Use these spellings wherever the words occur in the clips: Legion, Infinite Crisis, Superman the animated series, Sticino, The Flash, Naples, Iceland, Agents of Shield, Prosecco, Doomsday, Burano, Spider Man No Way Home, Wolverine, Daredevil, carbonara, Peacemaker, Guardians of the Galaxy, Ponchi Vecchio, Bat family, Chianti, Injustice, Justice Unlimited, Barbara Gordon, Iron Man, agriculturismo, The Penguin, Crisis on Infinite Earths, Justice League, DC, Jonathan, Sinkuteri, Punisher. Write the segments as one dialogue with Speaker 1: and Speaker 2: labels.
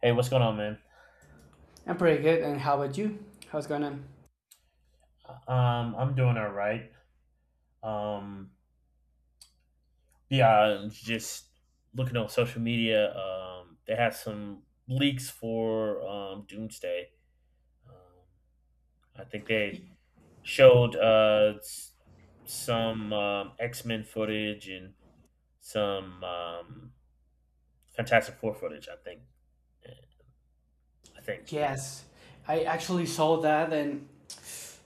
Speaker 1: Hey, what's going on, man?
Speaker 2: I'm pretty good. And how about you? How's going on?
Speaker 1: I'm doing all right. Um, yeah, I'm just looking on social media. They have some leaks for Doomsday. Um, I think they showed some X Men footage and some Fantastic Four footage. I think. I think.
Speaker 2: Yes, I actually saw that, and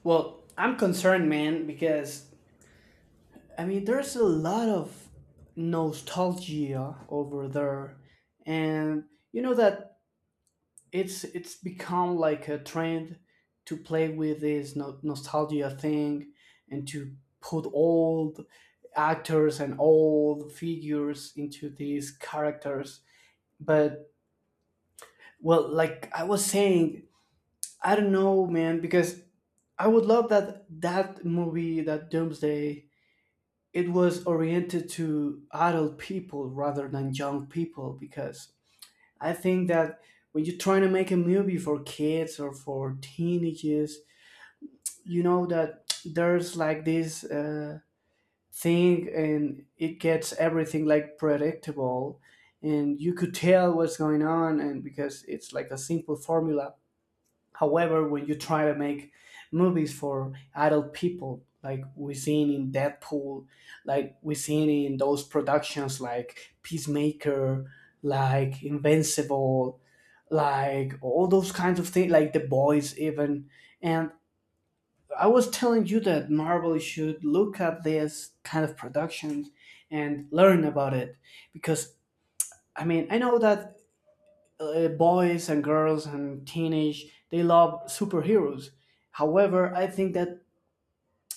Speaker 2: well, I'm concerned, man, because I mean, there's a lot of nostalgia over there, and you know that it's become like a trend to play with this nostalgia thing and to put old actors and old figures into these characters. But well, like I was saying, I don't know, man, because I would love that movie, that Doomsday, it was oriented to adult people rather than young people because I think that when you're trying to make a movie for kids or for teenagers, you know that there's like this thing and it gets everything like predictable and you could tell what's going on and because it's like a simple formula. However, when you try to make movies for adult people, like we seen in Deadpool, like we seen in those productions like Peacemaker, like Invincible, like all those kinds of things, like The Boys even. And I was telling you that Marvel should look at this kind of productions and learn about it because I mean I know that boys and girls and teenage they love superheroes, however I think that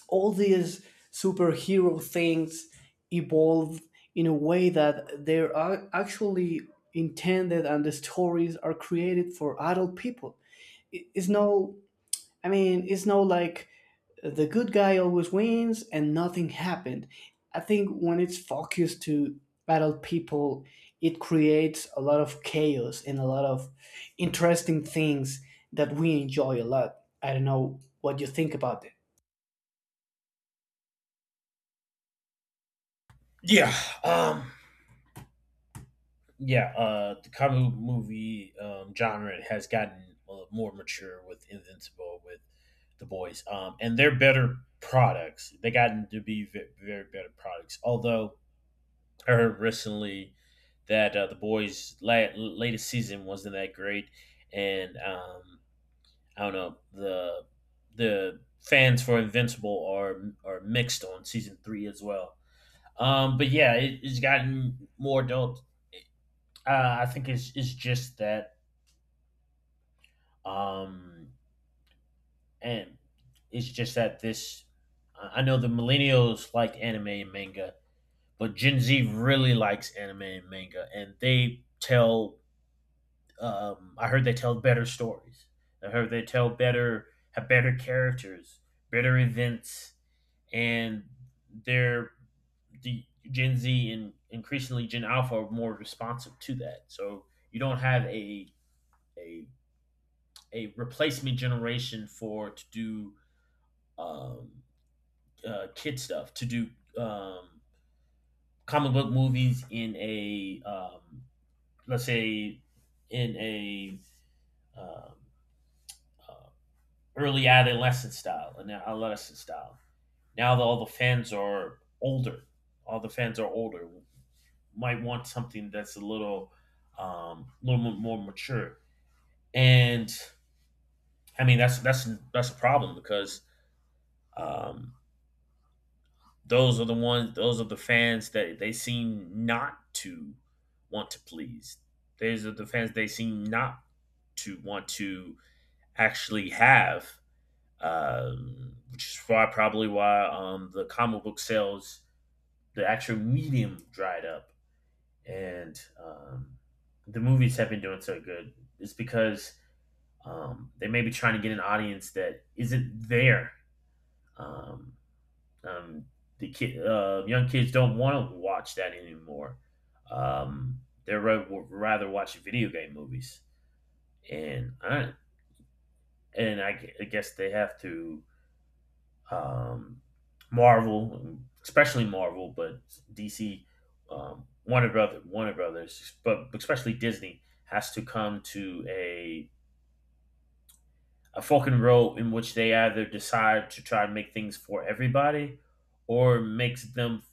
Speaker 2: all these superhero things evolved in a way that they are actually intended and the stories are created for adult people. It's no, I mean, it's not like the good guy always wins and nothing happened. I think when it's focused to battle people, it creates a lot of chaos and a lot of interesting things that we enjoy a lot. I don't know what you think about it.
Speaker 1: Yeah. Um, yeah, the comic book movie genre has gotten more mature with Invincible, with The Boys, and they're better products. They gotten to be very, very better products. Although I heard recently that The Boys' latest season wasn't that great, and I don't know the fans for Invincible are mixed on season 3 as well. But yeah, it's gotten more adult I think it's just that Um, and it's just that this, I know the millennials like anime and manga, but Gen Z really likes anime and manga, and they tell. I heard they tell better stories. I heard they tell better, have better characters, better events, and they're the Gen Z and increasingly Gen Alpha are more responsive to that. So you don't have a a replacement generation for to do um, kid stuff to do um, comic book movies in a let's say in a um, uh, early adolescent style an adolescent style now that all the fans are older all the fans are older might want something that's a little more mature and I mean that's a problem because um, those are the ones those are the fans that they seem not to want to please. Those are the fans they seem not to want to actually have which is why probably why the comic book sales the actual medium dried up and the movies have been doing so good it's because they may be trying to get an audience that isn't there um, Um, the kid, young kids don't want to watch that anymore. They're Would rather watch video game movies, and I and I guess they have to um, Marvel, especially Marvel, but DC, Warner Brother, Warner Brothers, but especially Disney has to come to a fucking road in which they either decide to try to make things for everybody or makes them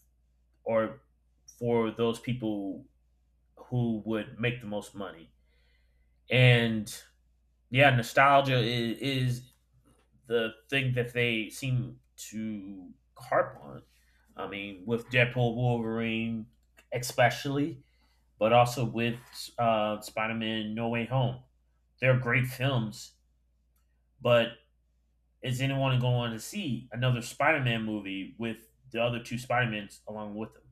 Speaker 1: or for those people who would make the most money. And yeah, nostalgia is the thing that they seem to harp on. I mean, with Deadpool, Wolverine, especially, but also with Spider Man No Way Home. They're great films, but is anyone going to see another Spider Man movie with the other two Spider Mans along with them?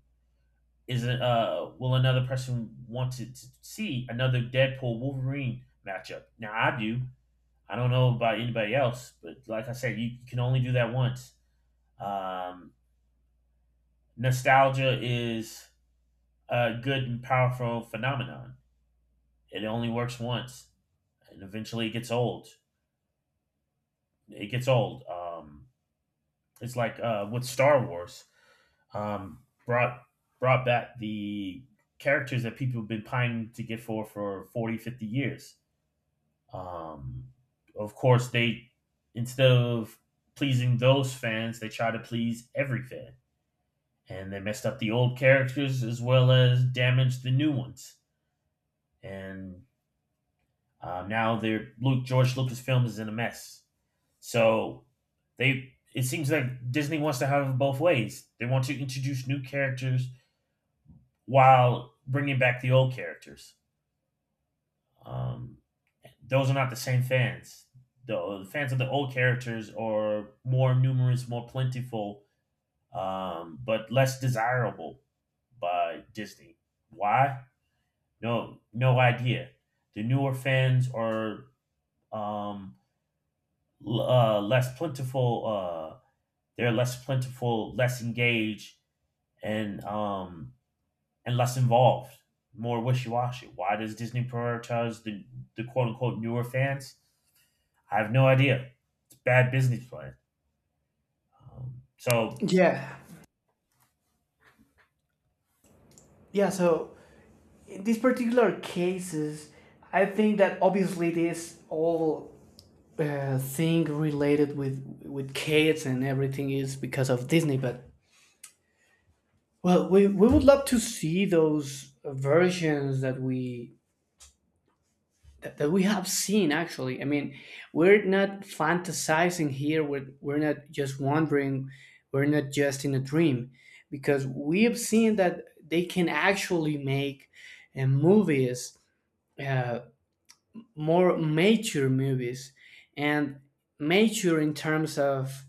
Speaker 1: Is it will another person want to see another Deadpool Wolverine matchup? Now I do. I don't know about anybody else, but like I said, you can only do that once. Um, Nostalgia is a good and powerful phenomenon. It only works once, and eventually it gets old. It gets old. It's like with Star Wars um, brought brought back the characters that people have been pining to get for 40, 50 years. Um, of course, they instead of pleasing those fans, they try to please every fan, and they messed up the old characters as well as damaged the new ones. And now they're Luke George Lucasfilm is in a mess. So they it seems like Disney wants to have it both ways. They want to introduce new characters while bringing back the old characters. Um, those are not the same fans. The fans of the old characters are more numerous, more plentiful, but less desirable by Disney. Why? No, no idea. The newer fans are um, less plentiful. They're less plentiful, less engaged, and um, and less involved, more wishy washy. Why does Disney prioritize the quote unquote newer fans? I have no idea. It's a bad business plan. So,
Speaker 2: Yeah. Yeah, so in these particular cases, I think that obviously this all thing related with kids and everything is because of Disney, but well, we would love to see those versions that we that we have seen actually. I mean, we're not fantasizing here. We're not just wondering. We're not just in a dream because we have seen that they can actually make movies, uh, more mature movies and mature in terms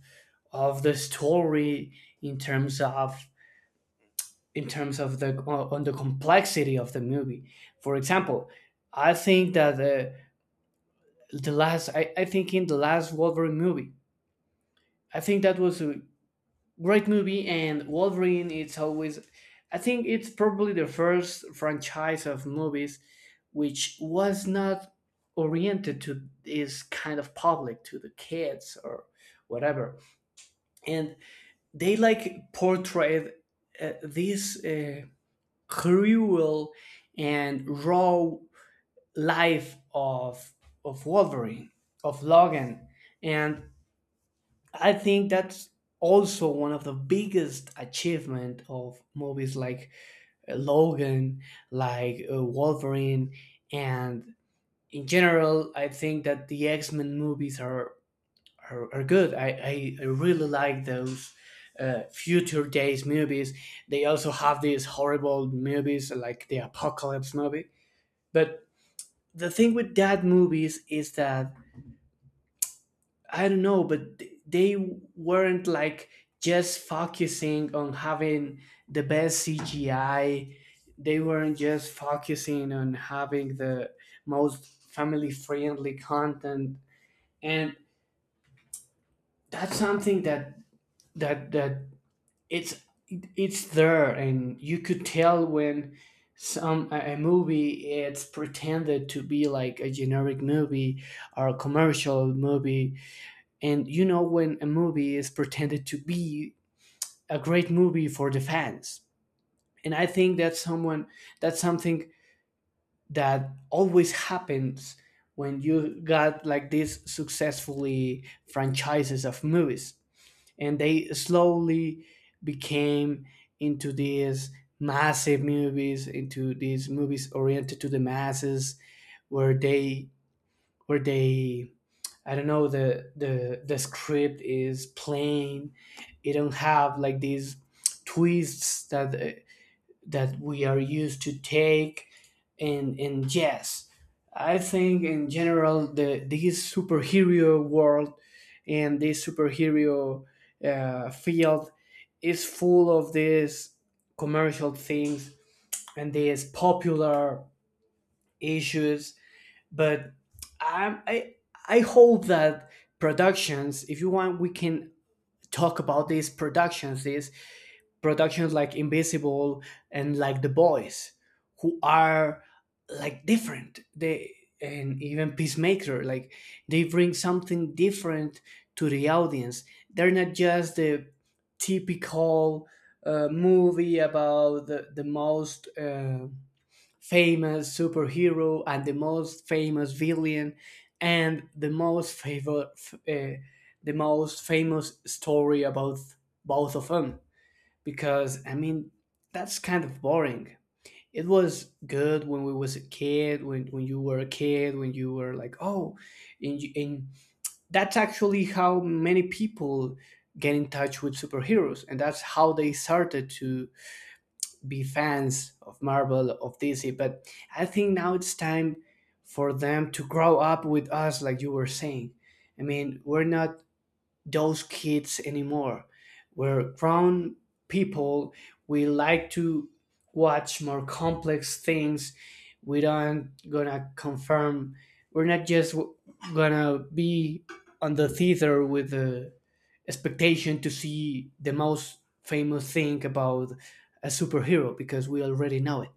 Speaker 2: of the story, in terms of in terms of the on the complexity of the movie. For example, I think that the I think in the last Wolverine movie, I think that was a great movie and Wolverine it's always I think it's probably the first franchise of movies which was not oriented to this kind of public to the kids or whatever, and they like portrayed this cruel and raw life of Wolverine, of Logan, and I think that's also one of the biggest achievement of movies like Logan, like Wolverine, and in general, I think that the X Men movies are, are good. I really like those. Future days movies, they also have these horrible movies like the apocalypse movie, but the thing with that movies is that I don't know, but they weren't like just focusing on having the best CGI. They weren't just focusing on having the most family friendly content, and that's something that that it's it's there and you could tell when some a movie it's pretended to be like a generic movie or a commercial movie, and you know when a movie is pretended to be a great movie for the fans, and I think that's someone, that's something that always happens when you got like these successfully franchises of movies and they slowly became into these massive movies, into these movies oriented to the masses, where they where they I don't know, the the script is plain, it don't have like these twists that that we are used to take in jazz. I think in general the this superhero world and this superhero field is full of these commercial things and these popular issues. But I I, I hope that productions, if you want, we can talk about these productions. This productions like Invisible and like The Boys, who are like different. They and even Peacemaker, like they bring something different to the audience. They're not just the typical movie about the most famous superhero and the most famous villain and the most the most famous story about both of them because I mean that's kind of boring. It was good when we was a kid, when you were a kid, when you were like, oh, and, and that's actually how many people get in touch with superheroes, and that's how they started to be fans of Marvel of DC. But I think now it's time for them to grow up with us, like you were saying. I mean, we're not those kids anymore. Where grown people, we like to watch more complex things. We don't gonna confirm. We're not just gonna be on the theater with the expectation to see the most famous thing about a superhero because we already know it,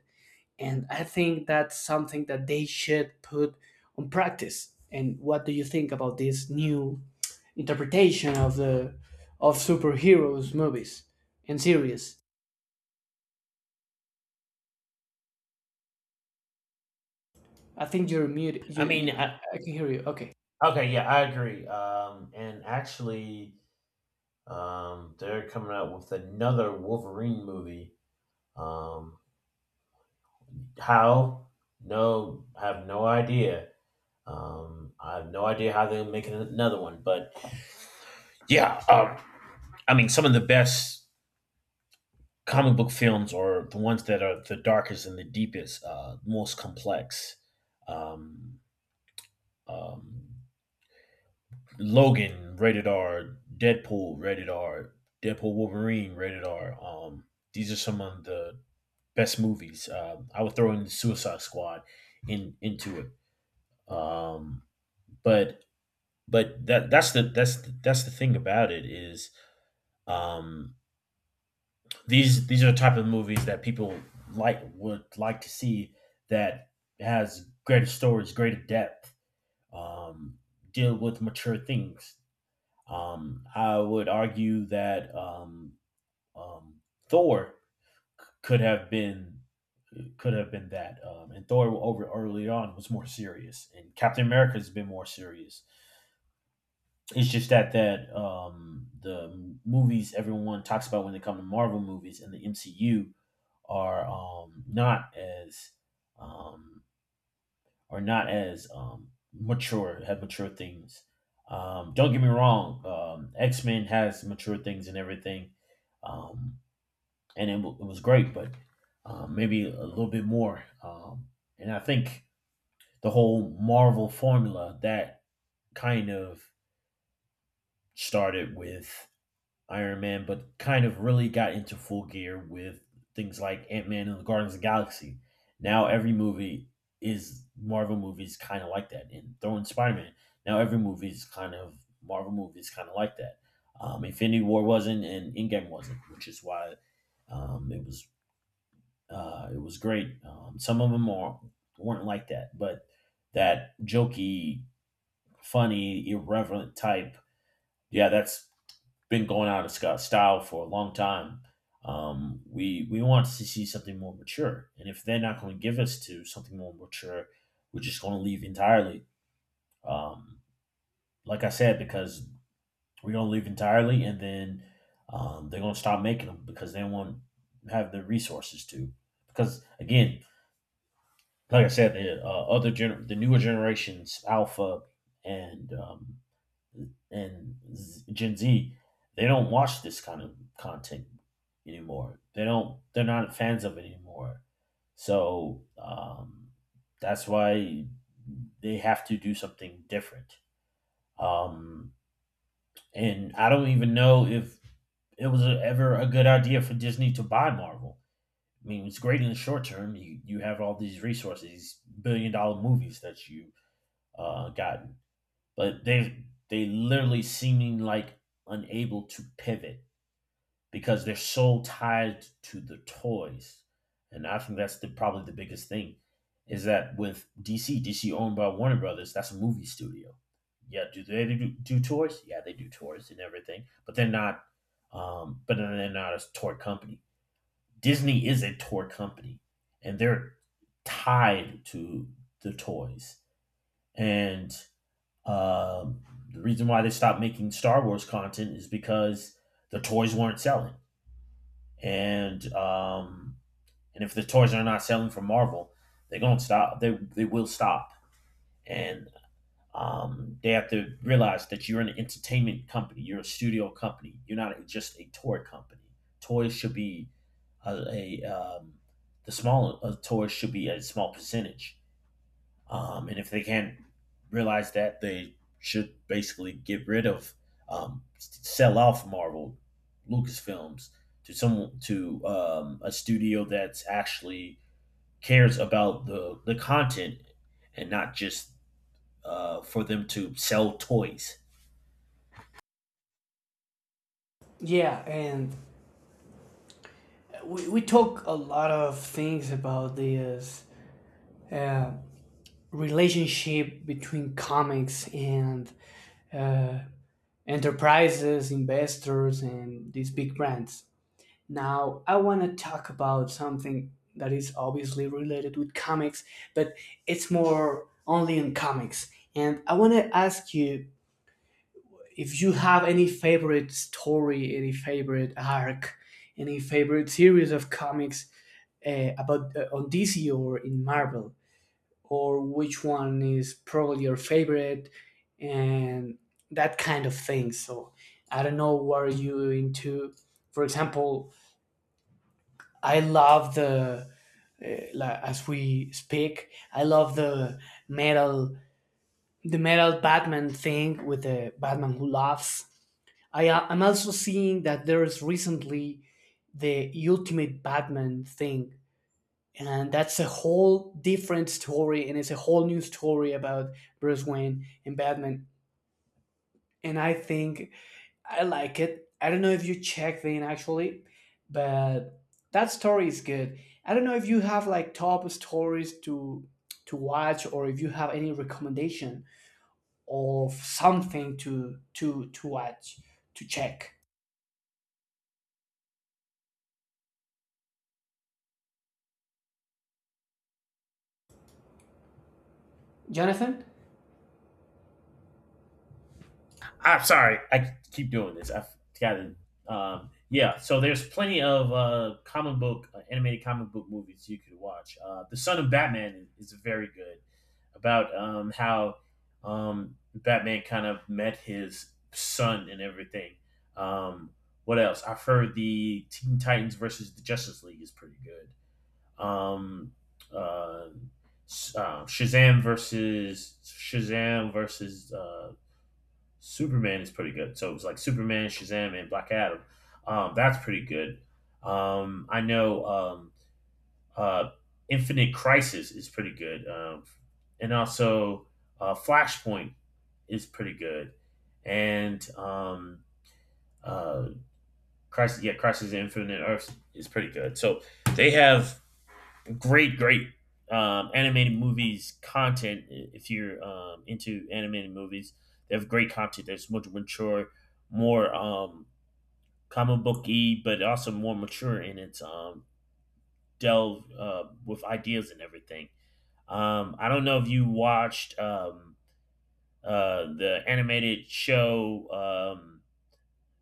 Speaker 2: and I think that's something that they should put on practice. And what do you think about this new interpretation of the of superheroes movies and series? I think you're mute.
Speaker 1: I
Speaker 2: you,
Speaker 1: mean,
Speaker 2: you I can hear you okay.
Speaker 1: okay, yeah, I agree. And actually, they're coming out with another Wolverine movie. Um, how? No, I have no idea. I have no idea how they're making another one, but yeah, I mean, some of the best comic book films are the ones that are the darkest and the deepest, most complex. Um, um, Logan rated R, Deadpool Wolverine rated R. These are some of the best movies. I would throw in the Suicide Squad in into it. Um, but but that's the thing about it is um, these are the type of movies that people like would like to see that has greater stories, greater depth, um, deal with mature things. I would argue that um, Thor could have been that, and Thor over early on was more serious, and Captain America has been more serious. It's just that the movies everyone talks about when they come to Marvel movies and the MCU are um, not as um, are not as mature, have mature things. Don't get me wrong, X Men has mature things and everything, um, and it was great, but maybe a little bit more. And I think the whole Marvel formula that kind of started with Iron Man, but kind of really got into full gear with things like Ant Man and the Guardians of the Galaxy. Now every movie is Marvel movies kind of like that, and throwing Spider Man. Now every movie is kind of Marvel movies kind of like that. Infinity War wasn't, and Endgame wasn't, which is why um, it was it was great. Some of them are, weren't like that, but that jokey, funny, irreverent type, yeah, that's been going out of Scott style for a long time. We want to see something more mature, and if they're not going to give us to something more mature, we're just going to leave entirely. Um, like I said, because we're going to leave entirely, and then they're going to stop making them because they won't have the resources to. Because again, like I said, the the newer generations, Alpha and um, and Gen Z, they don't watch this kind of content anymore. They don't. They're not fans of it anymore. So that's why they have to do something different. Um, and I don't even know if it was ever a good idea for Disney to buy Marvel. I mean, it's great in the short term. You have all these resources, these billion dollar movies that you got but they literally seeming like unable to pivot because they're so tied to the toys and I think that's the probably the biggest thing is that with DC owned by Warner Brothers that's a movie studio. Yeah, do they do toys, yeah they do toys and everything but they're not a toy company. Disney is a toy company and they're tied to the toys and um, the reason why they stopped making Star Wars content is because the toys weren't selling, and um, and if the toys are not selling for Marvel, they're gonna stop. They will stop, and they have to realize that you're an entertainment company, you're a studio company, you're not just a toy company. Toys should be a the small Toys should be a small percentage and if they can't realize that, they should basically get rid of, sell off Marvel, Lucasfilms to someone to a studio that's actually cares about the content and not just for them to sell toys.
Speaker 2: Yeah, and we talk a lot of things about this uh, relationship between comics and enterprises investors and these big brands. Now, I want to talk about something that is obviously related with comics, but it's more only in comics. And I want to ask you if you have any favorite story, any favorite arc, any favorite series of comics about on DC or in Marvel, or which one is probably your favorite, and that kind of thing. So I don't know what are you into. For example, I love the like, as we speak. I love metal, the metal Batman thing with the Batman who laughs. I'm also seeing that there is recently the Ultimate Batman thing, and that's a whole different story, and it's a whole new story about Bruce Wayne and Batman. And I think I like it. I don't know if you check in actually, but that story is good. I don't know if you have like top stories to watch, or if you have any recommendation of something to to watch to check. Jonathan?
Speaker 1: I'm sorry, I keep doing this. I've got it. Yeah, so there's plenty of comic book, animated comic book movies you could watch. The Son of Batman is very good about how Batman kind of met his son and everything. Um, what else? I've heard the Teen Titans versus the Justice League is pretty good. Um, uh, Shazam versus Superman is pretty good. So it was like Superman, Shazam, and Black Adam. That's pretty good. I know uh, Infinite Crisis is pretty good, and also Flashpoint is pretty good, and uh, Crisis on Infinite Earths is pretty good. So they have great, great animated movies content. If you're into animated movies, they have great content that's much mature, more comic booky, but also more mature in its delve with ideas and everything. I don't know if you watched the animated show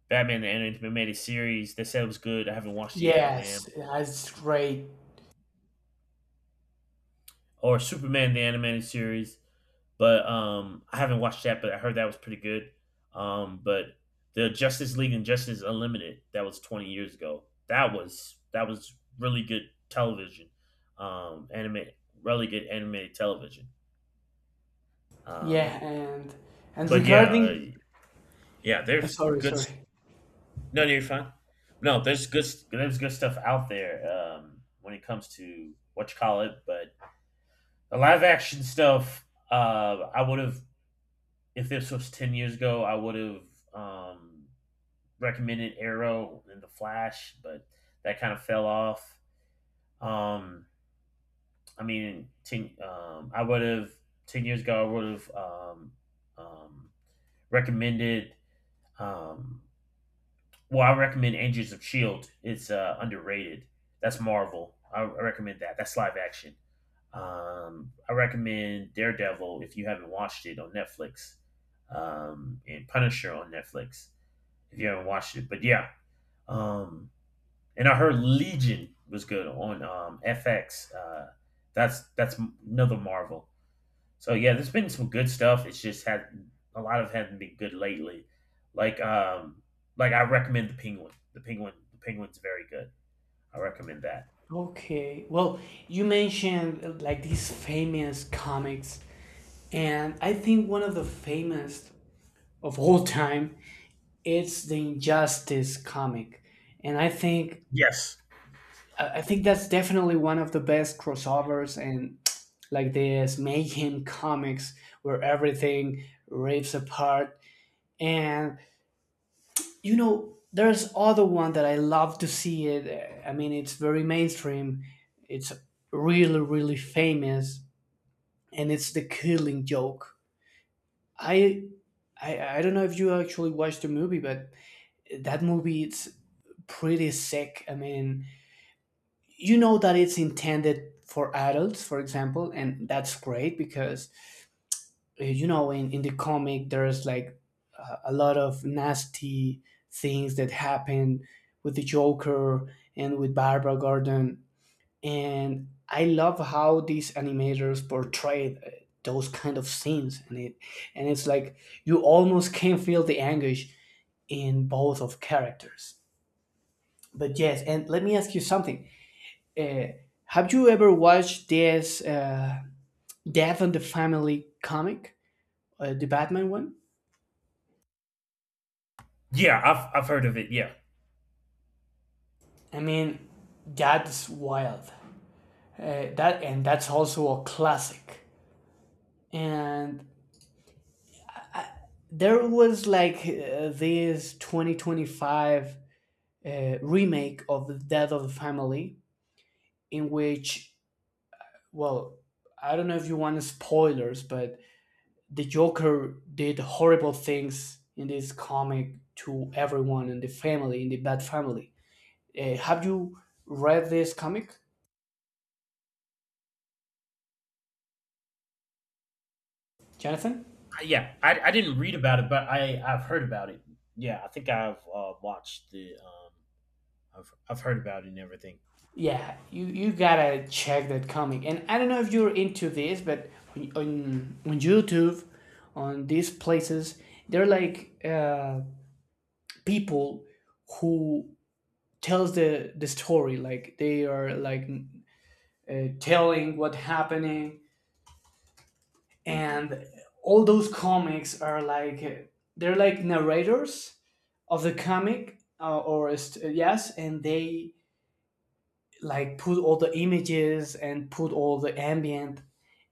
Speaker 1: Batman the animated series. They said it was good. I haven't watched it yet, man.
Speaker 2: Yes, that's great.
Speaker 1: Or Superman the animated series. But I haven't watched that, but I heard that was pretty good. But the Justice League and Justice Unlimited, that was 20 years ago. That was really good television, um, anime, really good animated television.
Speaker 2: Yeah,
Speaker 1: Um,
Speaker 2: and
Speaker 1: but
Speaker 2: regarding
Speaker 1: yeah, there's
Speaker 2: sorry,
Speaker 1: good. s-
Speaker 2: sorry.
Speaker 1: No, no, you're fine. No, There's good stuff out there when it comes to what you call it. But the live action stuff, I would have, if this was 10 years ago, I would have um, recommended Arrow and The Flash, but that kind of fell off. Um, I would have, 10 years ago, I would have um, recommended. Um, well, I recommend Agents of Shield. It's underrated. That's Marvel. I recommend that. That's live action. I recommend Daredevil if you haven't watched it on Netflix, and Punisher on Netflix if you haven't watched it. Um, And I heard Legion was good on FX. That's another Marvel. So yeah, there's been some good stuff. It's just had a lot of it hasn't been good lately. Like um, like I recommend the Penguin. The Penguin. The Penguin's very good. I recommend that.
Speaker 2: Okay. Well, you mentioned like these famous comics, and I think one of the famous of all time, it's the Injustice comic, and I think
Speaker 1: Yes.
Speaker 2: I think that's definitely one of the best crossovers and like this mayhem comics where everything rips apart. And you know, there's other one that I love to see it. I mean, it's very mainstream. It's really really famous, and it's the Killing Joke. I I don't know if you actually watched the movie, but that movie it's pretty sick. I mean, you know that it's intended for adults, for example, and that's great because you know in the comic there's like a lot of nasty things that happen with the Joker and with Barbara Gordon, and I love how these animators portrayed those kind of scenes, and it and it's like you almost can feel the anguish in both of characters. But yes, and let me ask you something. Uh, have you ever watched this Death and the Family comic, the Batman one?
Speaker 1: Yeah, I've heard of it. Yeah,
Speaker 2: I mean, that's wild. That, and that's also a classic. And there was like this 2025 remake of the Death of the Family, in which, well, I don't know if you want spoilers, but the Joker did horrible things in this comic to everyone in the family, in the Bat family. Have you read this comic, Jonathan?
Speaker 1: yeah. I didn't read about it, but I've heard about it. Yeah, I think I've watched the I've heard about it and everything.
Speaker 2: Yeah, you gotta check that comic. And I don't know if you're into this, but on, YouTube, on these places, they're like people who tells the story like they are like telling what happening, and all those comics are like they're like narrators of the comic or a yes and they like put all the images and put all the ambient,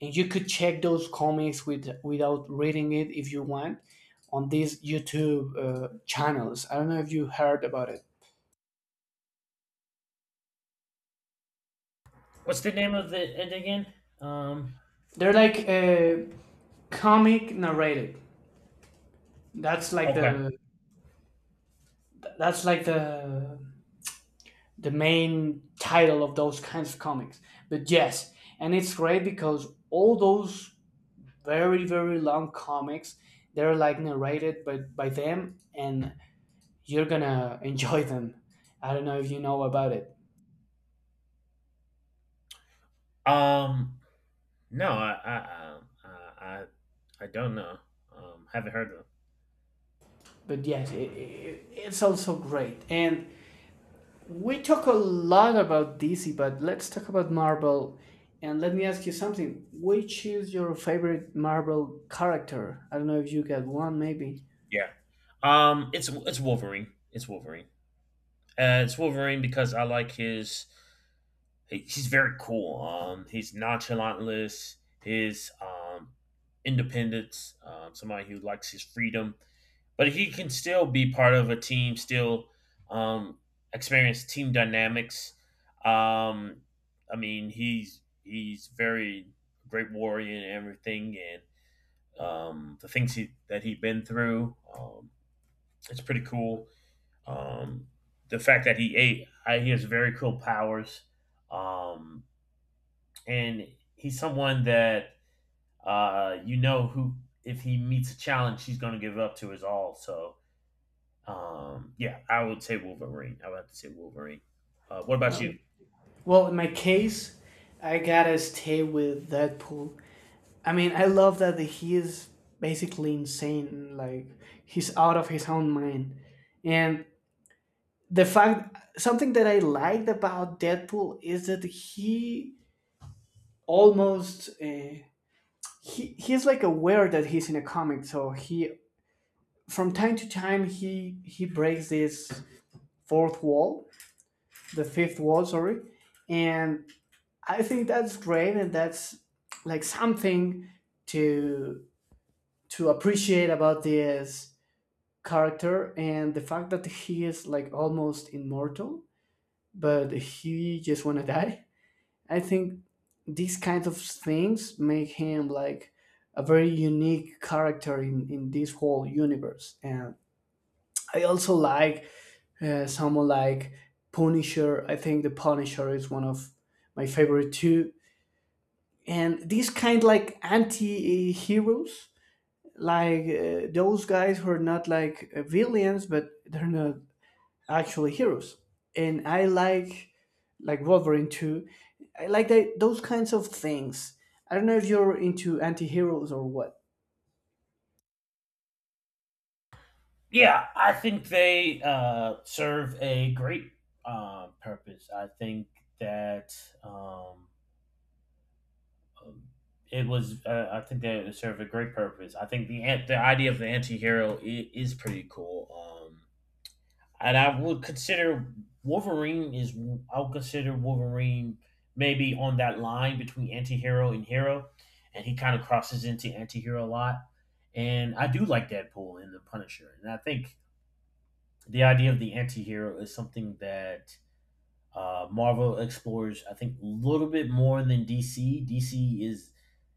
Speaker 2: and you could check those comics with without reading it if you want on these YouTube channels. I don't know if you heard about it.
Speaker 1: What's the name of the it again? Um,
Speaker 2: They're like comic narrated, that's like
Speaker 1: okay.
Speaker 2: the that's like the main title of those kinds of comics. But yes, and it's great because all those very very long comics they're like narrated by them, and you're gonna enjoy them. I don't know if you know about it.
Speaker 1: Um, no, I don't know. Haven't heard of them.
Speaker 2: But yes, it's also great, and we talk a lot about DC, but let's talk about Marvel. And let me ask you something. Which is your favorite Marvel character? I don't know if you got one, maybe.
Speaker 1: Yeah. It's Wolverine. It's Wolverine. It's Wolverine because I like his. He's very cool. He's nonchalantness. His independence. Somebody who likes his freedom, but he can still be part of a team, still um, experience team dynamics. Um, he's very great warrior and everything, and the things that he's been through, it's pretty cool. Um, the fact that he has very cool powers, um, and he's someone that you know, who, if he meets a challenge, he's going to give up to his all. So yeah, I would say Wolverine. I would have to say Wolverine. What about
Speaker 2: Uh,
Speaker 1: you?
Speaker 2: Well, in my case, I gotta stay with Deadpool. I mean, I love that he is basically insane. Like he's out of his own mind, and the fact something that I liked about Deadpool is that he almost he's like aware that he's in a comic, so he from time to time he breaks this fourth wall, the fifth wall, sorry, and I think that's great, and that's like something to to appreciate about this character and the fact that he is like almost immortal, but he just wanna die. I think these kinds of things make him like a very unique character in this whole universe. And I also like someone like Punisher. I think the Punisher is one of my favorite too, and these kind like anti-heroes like those guys who are not like villains but they're not actually heroes, and I like Wolverine too. I like that, those kinds of things. I don't know if you're into anti-heroes or what.
Speaker 1: Yeah, I think they serve a great purpose. I think that um, um, it was. I think they serve a great purpose. I think the idea of the anti-hero is pretty cool. Um, and I would consider Wolverine is I would consider Wolverine maybe on that line between anti-hero and hero, and he kind of crosses into anti-hero a lot. And I do like Deadpool and the Punisher, and I think the idea of the anti-hero is something that Marvel explores, I think, a little bit more than DC. DC is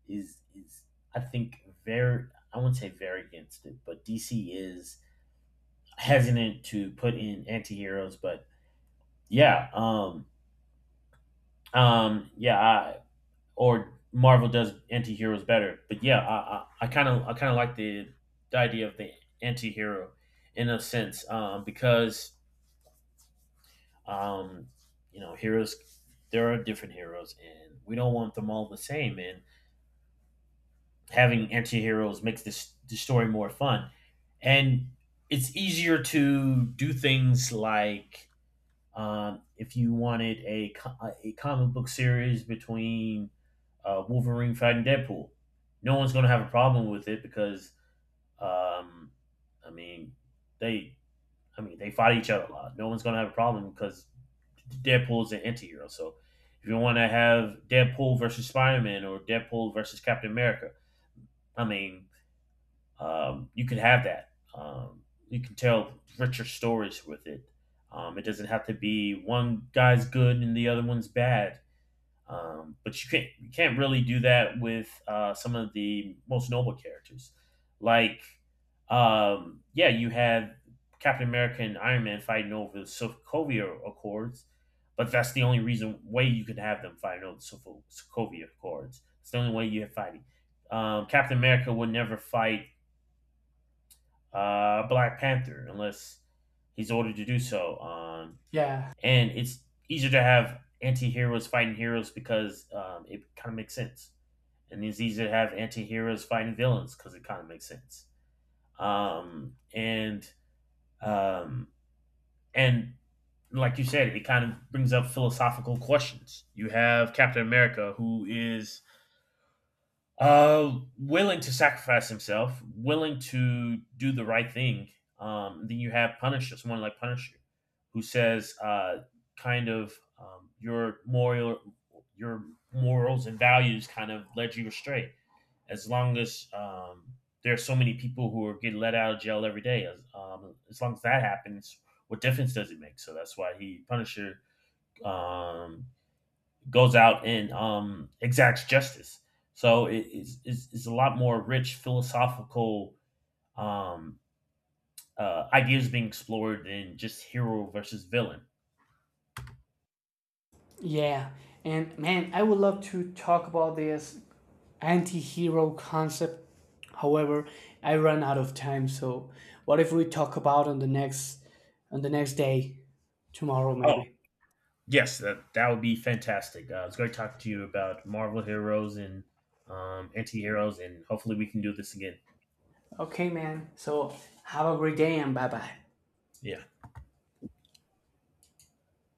Speaker 1: is is I think very, I wouldn't say very against it, but DC is hesitant to put in anti-heroes. But yeah, yeah, I, Or Marvel does anti-heroes better, but yeah, I kind of like the idea of the anti-hero in a sense, because um, you know, heroes, there are different heroes and we don't want them all the same, and having anti-heroes makes this the story more fun. And it's easier to do things like, if you wanted a comic book series between Wolverine fighting Deadpool, no one's going to have a problem with it because, um, I mean, they I mean they fight each other a lot. No one's going to have a problem because Deadpool is an anti-hero. So if you want to have Deadpool versus Spider Man or Deadpool versus Captain America, I mean you can have that. You can tell richer stories with it. It doesn't have to be one guy's good and the other one's bad. But you can't really do that with some of the most noble characters. Like, yeah, you had Captain America and Iron Man fighting over the Sokovia Accords, but that's the only reason way you can have them fighting over the Sokovia Accords. It's the only way you have fighting. Captain America would never fight Black Panther unless he's ordered to do so.
Speaker 2: Yeah,
Speaker 1: And it's easier to have anti-heroes fighting heroes because it kind of makes sense. And it's easier to have anti-heroes fighting villains because it kind of makes sense. Um, and um, and like you said, it kind of brings up philosophical questions. You have Captain America, who is willing to sacrifice himself, willing to do the right thing. Then you have Punisher, someone like Punisher, who says, your your morals and values kind of led you astray. As long as there are so many people who are getting let out of jail every day, as long as that happens, what difference does it make? So that's why he Punisher um, goes out and exacts justice. So it's a lot more rich philosophical um, ideas being explored than just hero versus villain.
Speaker 2: yeah. And man, I would love to talk about this anti hero concept. However, I ran out of time, so what if we talk about on the next day? Tomorrow
Speaker 1: Oh,
Speaker 2: maybe.
Speaker 1: yes, that would be fantastic. It's great talking to you about Marvel heroes and anti heroes, and hopefully we can do this again.
Speaker 2: Okay, man. So have a great day, and bye bye.
Speaker 1: Yeah.